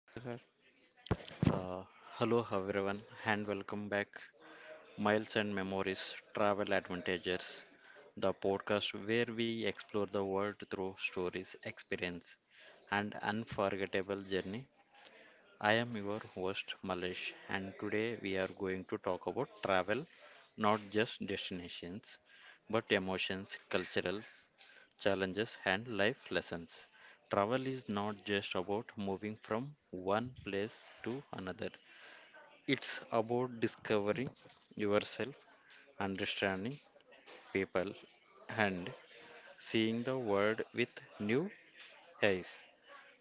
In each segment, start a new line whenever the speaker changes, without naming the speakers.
Hello, sir.
Uh, Hello everyone, and welcome back. Miles and Memories Travel Advantages, the podcast where we explore the world through stories, experience, and unforgettable journey. I am your host Malesh, and today we are going to talk about travel, not just destinations, but emotions, cultural challenges, and life lessons. Travel is not just about moving from one place to another, it's about discovering yourself, understanding people, and seeing the world with new eyes.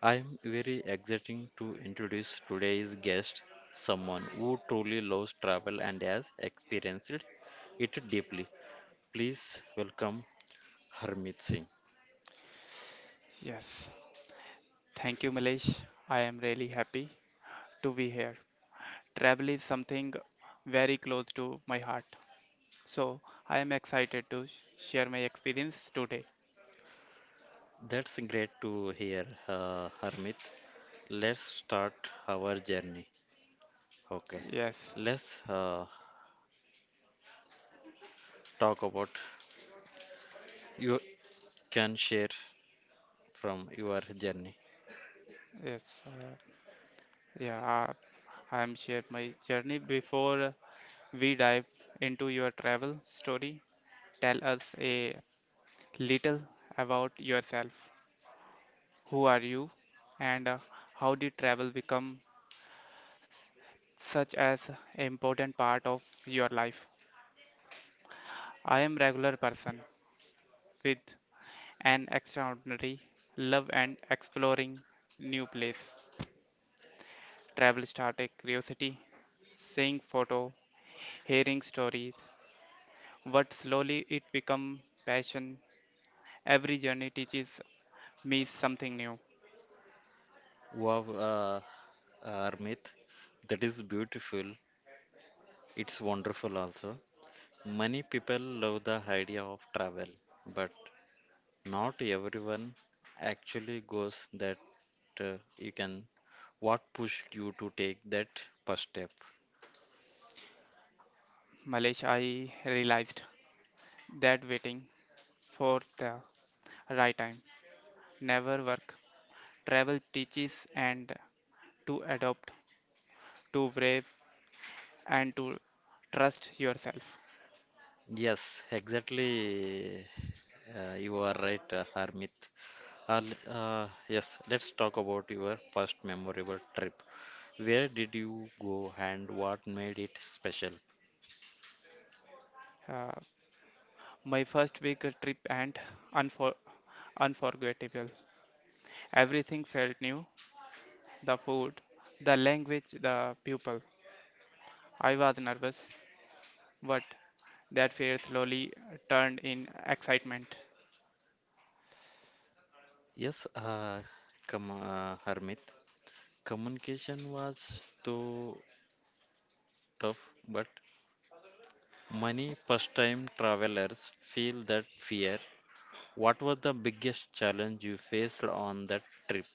I am very excited to introduce today's guest, someone who truly loves travel and has experienced it deeply. Please welcome Harmit Singh.
Yes. Thank you, Milesh. I am really happy to be here. Travel is something very close to my heart. So I am excited to share my experience today.
That's great to hear, Harmit. Let's start our journey. Okay,
Yes.
let's talk about you can share from your journey.
Yes. Uh, yeah. uh, I am share my journey. Before we dive into your travel story, tell us a little about yourself. Who are you? And how did travel become such as important part of your life. I am regular person with an extraordinary love and exploring new place. Travel started curiosity, seeing photo, hearing stories, but slowly it become passion. Every journey teaches me something new.
Wow, uh, Harmit, that is beautiful. It's wonderful also. Many people love the idea of travel, but not everyone actually goes that you can. What pushed you to take that first step?
Malaysia, I realized that waiting for the right time never work. Travel teaches and to adopt, to brave and to trust yourself.
Yes, exactly. You are right, Harmit. Yes, let's talk about your first memorable trip. Where did you go and what made it special?
Uh, my first big trip and unfor- unforgettable. Everything felt new the food, the language, the people. I was nervous, but that fear slowly turned in excitement.
Yes, come, Harmit. Communication was too tough, but many first-time travelers feel that fear. What was the biggest challenge you faced on that trip?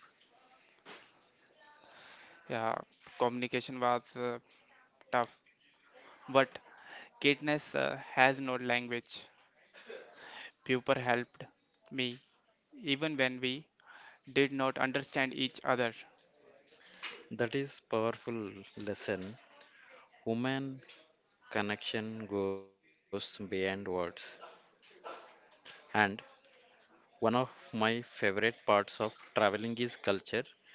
Yeah, communication was tough, but kindness has no language. Pupil helped me even when we did not understand each other.
That is powerful lesson. Women connection goes beyond words. And one of my favorite parts of traveling is culture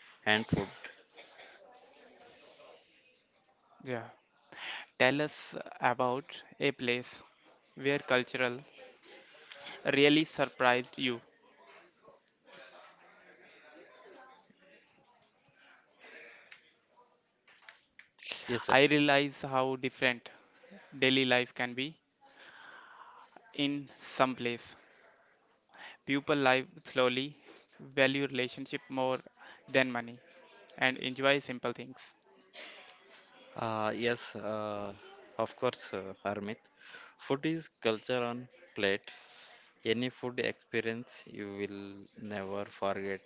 and food.
Yeah, tell us about a place where cultural really surprised you.
Yes, sir.
I realize how different daily life can be in some place. People live slowly, value relationship more than money, and enjoy simple things.
Yes, of course, Harmit. Food is culture on plate. Any food experience you will never forget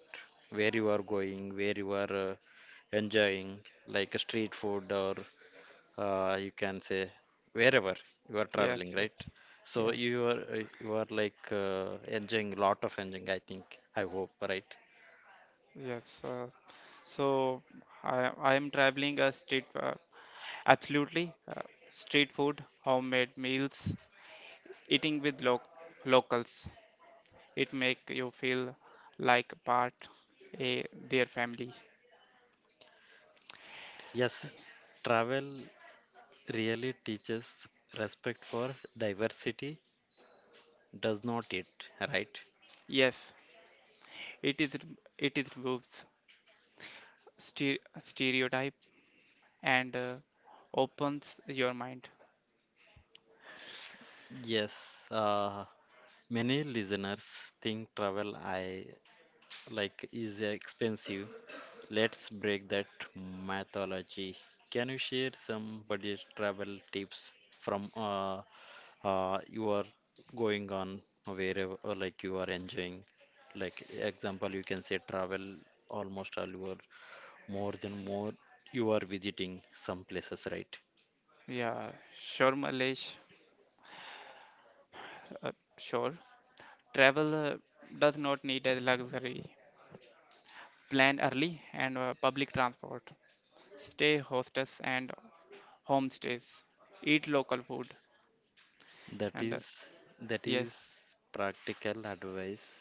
where you are going, where you are enjoying, like a street food or you can say wherever you are traveling,
Yes,
right?
yes,
So
yes,
you are like enjoying lot of enjoying, I think, I hope, right?
yes. So I am traveling a street, absolutely street food, homemade meals, eating with lo locals. It make you feel like part a their family.
Yes, travel really teaches respect for diversity, does not it, right?
Yes, it is it is removes stere- stereotype and opens your mind.
Yes, uh, many listeners think travel I like is expensive. Let's break that mythology. Can you share some budget travel tips from you are going on wherever or like you are enjoying? Like example, you can say travel almost all your more than more you are visiting some places, right?
Yeah, sure, Malesh. Uh, sure, travel does not need a luxury. Plan early and public transport. Stay hostess and homestays. Eat local food
That
and
is that is
yes,
practical advice.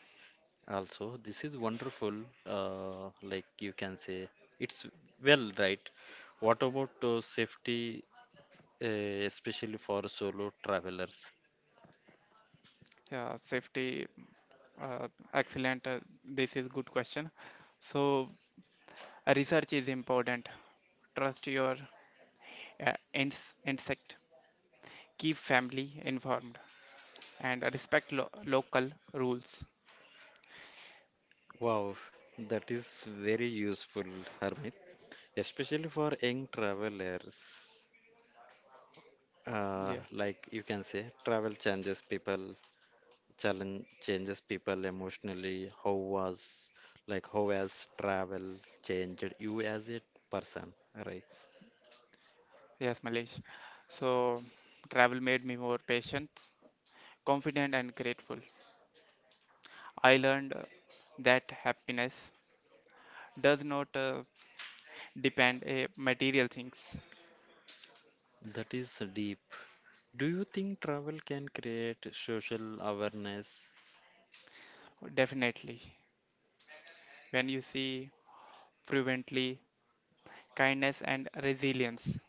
Also, this is wonderful. Like you can say, it's well, right? What about safety, especially for solo travelers?
yeah, safety. Uh, Excellent. This is good question. So research is important. Trust your insect. Keep family informed and respect lo local rules.
Wow, that is very useful, Harmit, especially for young travelers.
Yeah.
Like you can say, travel changes people, challenge changes people emotionally. How was, like, how has travel changed you as a person, right?
Yes, Malesh. So travel made me more patient, confident, and grateful. I learned that happiness does not depend a material things.
That is deep. Do you think travel can create social awareness?
Definitely, when you see fluently kindness and resilience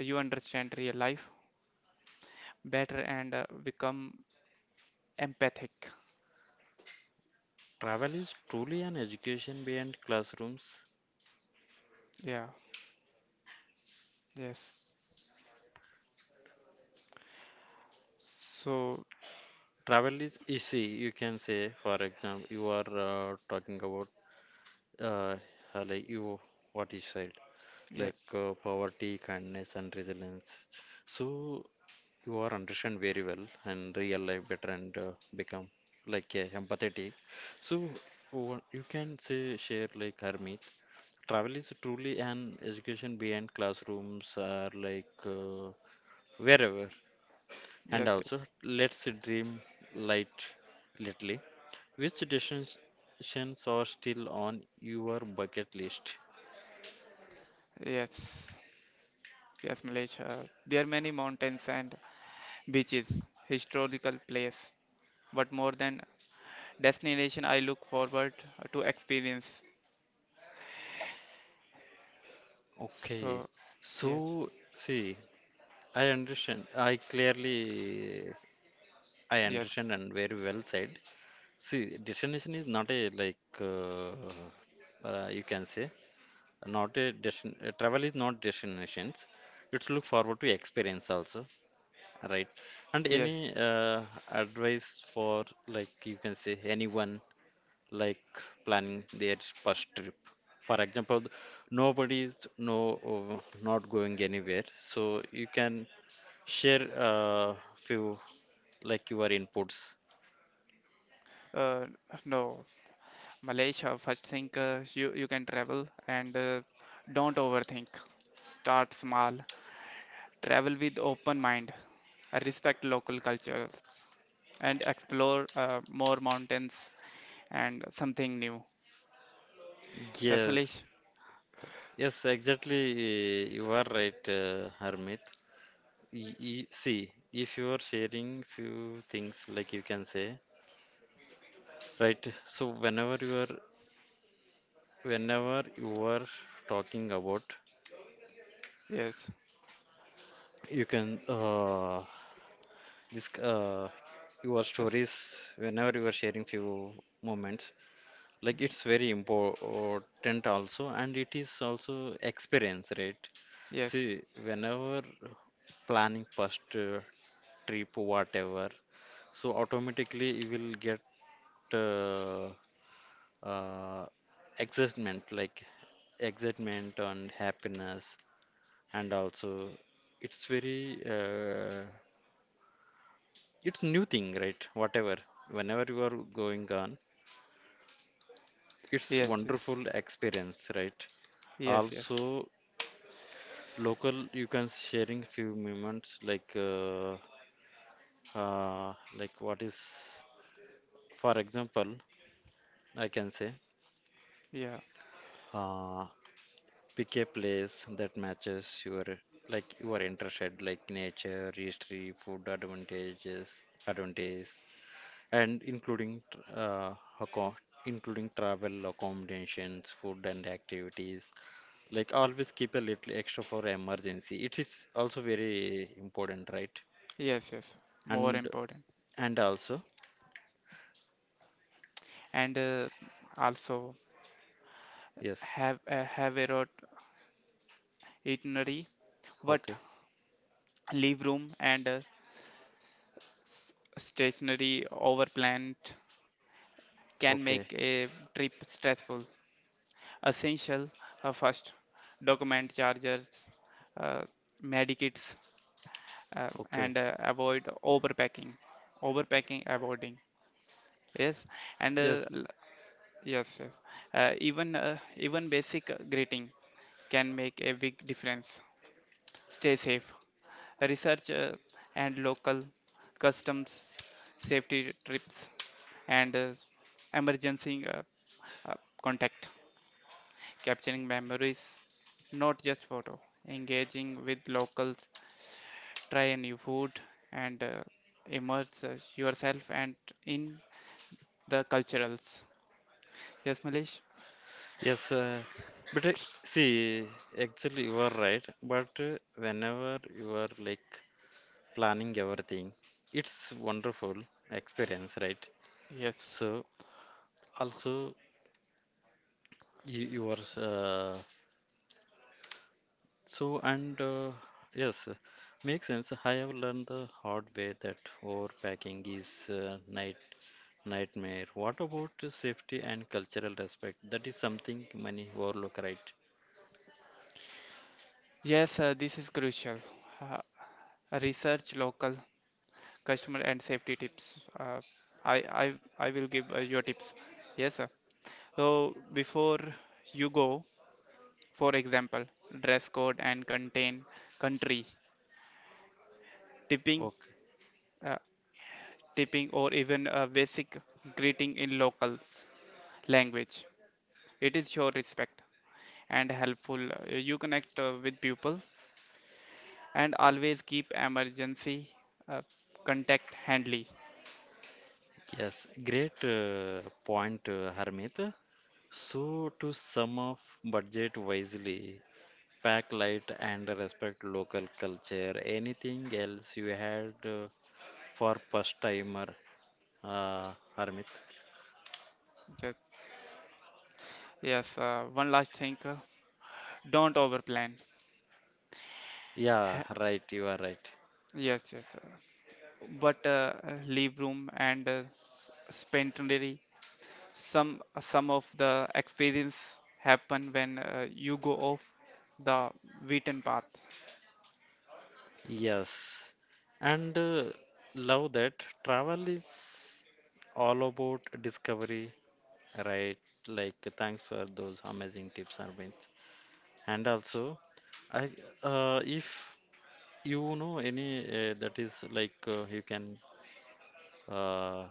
you understand real life better and become empathic.
Travel is truly an education beyond classrooms.
Yeah, yes. So,
Travel is easy, you can say, for example, you are talking about uh, like you what you said, like
yes,
poverty, kindness, and resilience. So you are understand very well and real life better and become like empathetic. So what you can say share like Harmeet. Travel is truly an education beyond classrooms or like wherever. And
yes,
also,
yes,
let's dream light little. Which destinations are still on your bucket list?
yes, yes, Malaysia. There are many mountains and beaches, historical place, but more than destination, I look forward to experience.
Okay,
So, yes,
so see, I understand. I clearly, I
yes,
understand and very well said. See, destination is not a like you can say. Not a destin- Travel is not destinations, it's look forward to experience also, right? And
yes.
any advice for like you can say anyone like planning their first trip, for example, nobody is no uh, not going anywhere, so you can share few like your inputs.
Uh, no, Malaysia, first thing, you can travel and don't overthink. Start small travel with open mind, respect local cultures, and explore more mountains and something new. Yes,
Yes,
Malish?
yes, exactly, you are right, Harmit. See, if you are sharing few things like you can say, right? So whenever you are talking about,
Yes,
you can this your
yes,
stories, whenever you are sharing few moments, like it's very important also and it is also experience, right?
yes,
See, whenever planning first trip whatever, so automatically you will get uh, uh, excitement, like excitement and happiness, and also it's very it's new thing, right, whatever whenever you are going on, it's
yes, yes,
wonderful experience, right?
yes, yes,
Also local, you can sharing few moments uh, like what is, for example, I can say
yeah,
uh, pick a place that matches your like your interested like nature, history, food advantages, advantages, and including uh, acco- including travel, accommodations, food and activities. Like always keep a little extra for emergency. It is also very important, right?
yes, yes. More
And
important.
and also,
And also
yes,
have a road itinerary, but
okay,
leave room and stationary overplanned can
okay,
make a trip stressful. Essential first document chargers, uh, medikits,
okay.
and avoid overpacking. Overpacking, avoiding. Yes, and
Yes.
yes, yes. Even basic greeting can make a big difference. Stay safe. Research and local customs safety trips and emergency uh, contact. Capturing memories, not just photo. Engaging with locals, try a new food, and immerse yourself and in the culturals. Yes, Malish.
Yes, but see, actually, you are right. But whenever you are like planning everything, it's wonderful experience, right?
Yes.
So also you are so and yes, makes sense. I have learned the hard way that overpacking is nightmare. What about safety and cultural respect? That is something many overlook, right?
Yes, this is crucial. Uh, Research local customer and safety tips. I will give your tips. Yes, sir. So before you go, for example, dress code and contain country tipping.
Okay.
uh, tipping, or even a basic greeting in locals language. It is show respect and helpful. You connect with people and always keep emergency uh, contact handy.
Yes, great point, Harmit. So, to sum up, budget wisely, pack light and respect local culture. Anything else you had for first timer, uh, Harmit?
Yes, yes. One last thing, don't overplan.
Yeah,
Ha-
right, you are right.
Yes, yes. But leave room and spend Some some of the experience happen when you go off the beaten path.
Yes, and love that travel is all about discovery, right? Like, thanks for those amazing tips, Harmit. And also, I if you know any that is like you can uh,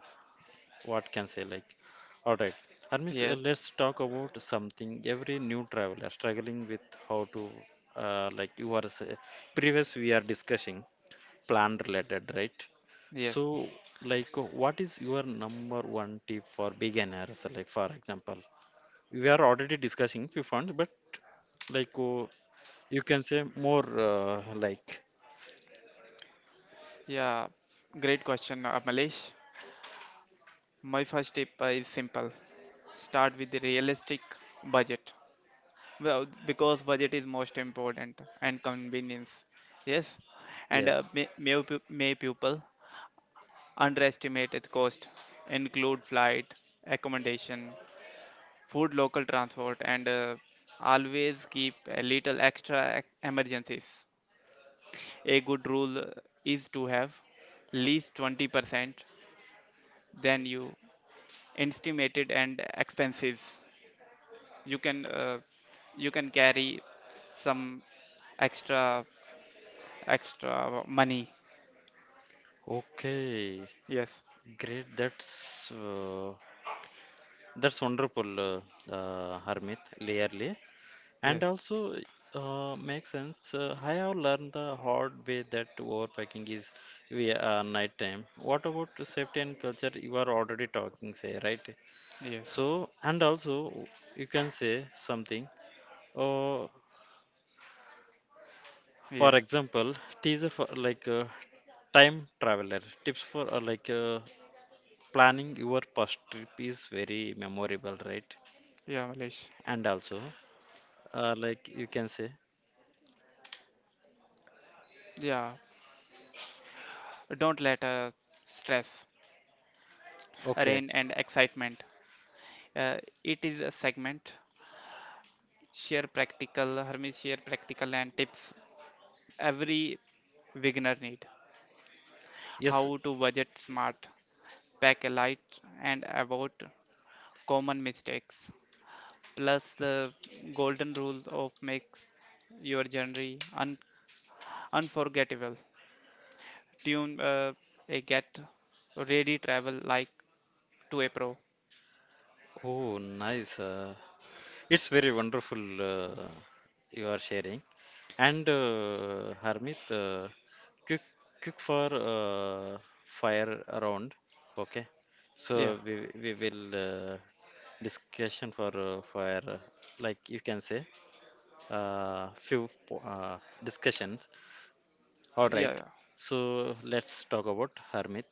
what can say like, all right. Armis,
Yes,
let's talk about something. Every new traveler struggling with how to like you are say, previous we are discussing plan related, right?
yes.
So like what is your number one tip for beginners? Like for example, we are already discussing few funds, but like you can say more like.
Yeah, great question, Malesh. My first tip is simple. Start with a realistic budget. Well, because budget is most important and convenience. Yes, and
Yes.
may people underestimate its cost. Include flight, accommodation, food, local transport, and always keep a little extra emergencies. A good rule is to have least 20% than you estimated and expenses you can uh, you can carry some extra extra money,
Okay.
yes,
Great. That's wonderful, Harmit, clearly. And
yes,
also makes sense. I have learned the hard way that overpacking is via night time. What about the safety and culture? You are already talking, say, right?
yes,
So, and also you can say something. Uh, for
yes,
example, teaser for like time traveler tips for like. Planning your first trip is very memorable, right?
yeah, Malish.
And also, like you can say,
Yeah, don't let stress
okay,
rain and excitement uh, it is a segment share practical Hermes share practical and tips every beginner need,
yes,
how to budget smart, pack a light and about common mistakes, plus the golden rule of makes your journey unforgettable. Tune a get ready travel like to a pro.
oh, nice. It's very wonderful you are sharing. And Harmit, quick, quick for fire around, okay?
Yeah,
So we will discussion for fire, like you can say, discussions. All right,
yeah,
so let's talk about Hermit.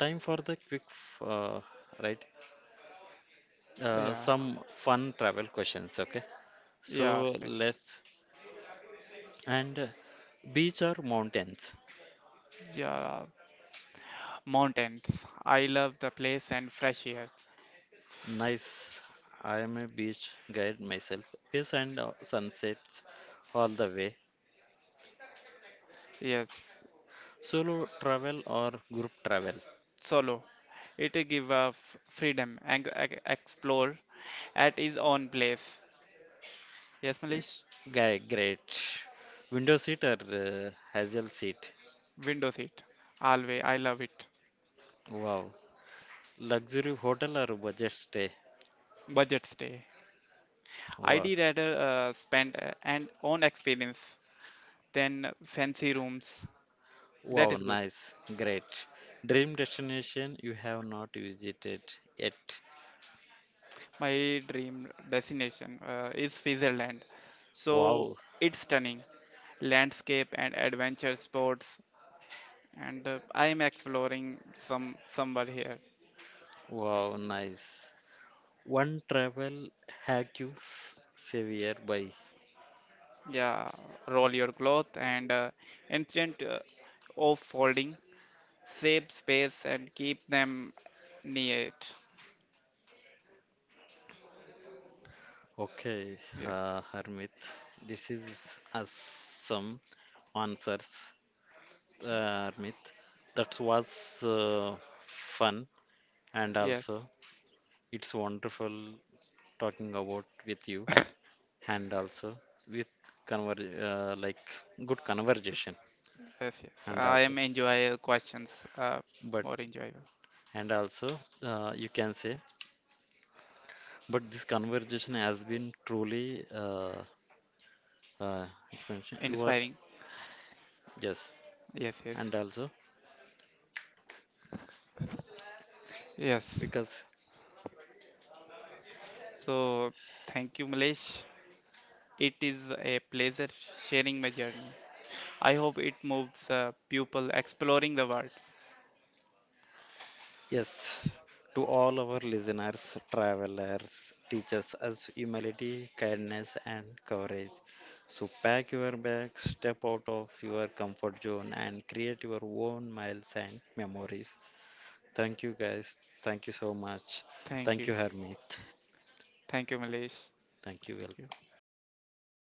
Time for the quick, right?
yeah,
Some fun travel questions, okay?
yeah,
So
place.
let's and beach or mountains?
Yeah, mountains. I love the place and fresh air.
Nice. I am a beach guide myself. Yes, and sunsets all the way.
Yes,
Solo travel or group travel?
solo. It give freedom and explore at his own place. Yes, Malish.
Guy, great. Window seat or hazel seat?
Window seat. Always. I love it.
Wow. Luxury hotel or budget stay?
Budget stay. I'd
Wow.
rather spend an own experience than fancy rooms. That
Wow,
is good.
nice, great. Dream destination you have not visited yet.
My dream destination is Switzerland. So
Wow,
it's stunning. Landscape and adventure sports and I am exploring somewhere here.
wow, nice. One travel hack you severe by.
Yeah, roll your cloth and ancient of folding, save space and keep them neat.
Okay,
Yeah.
Harmit, this is us some answers, Harmit. That was fun and
Yes.
also it's wonderful talking about with you and also with conver like good conversation.
Yes, yes.
And
I
also
am enjoy questions
but
more enjoyable,
and also, you can say, but this conversation has been truly uh, expansion you are,
inspiring.
yes,
Yes,
and
yes,
also
yes.
because,
So thank you, Malesh. It is a pleasure sharing my journey. I hope it moves people exploring the world.
yes. To all our listeners, travelers teaches us humility, kindness and courage, so pack your bags, step out of your comfort zone and create your own miles and memories. Thank you guys, thank you so much,
Thank
thank you
you,
Hermit,
thank you, Malesh.
thank
Thank
you.
you.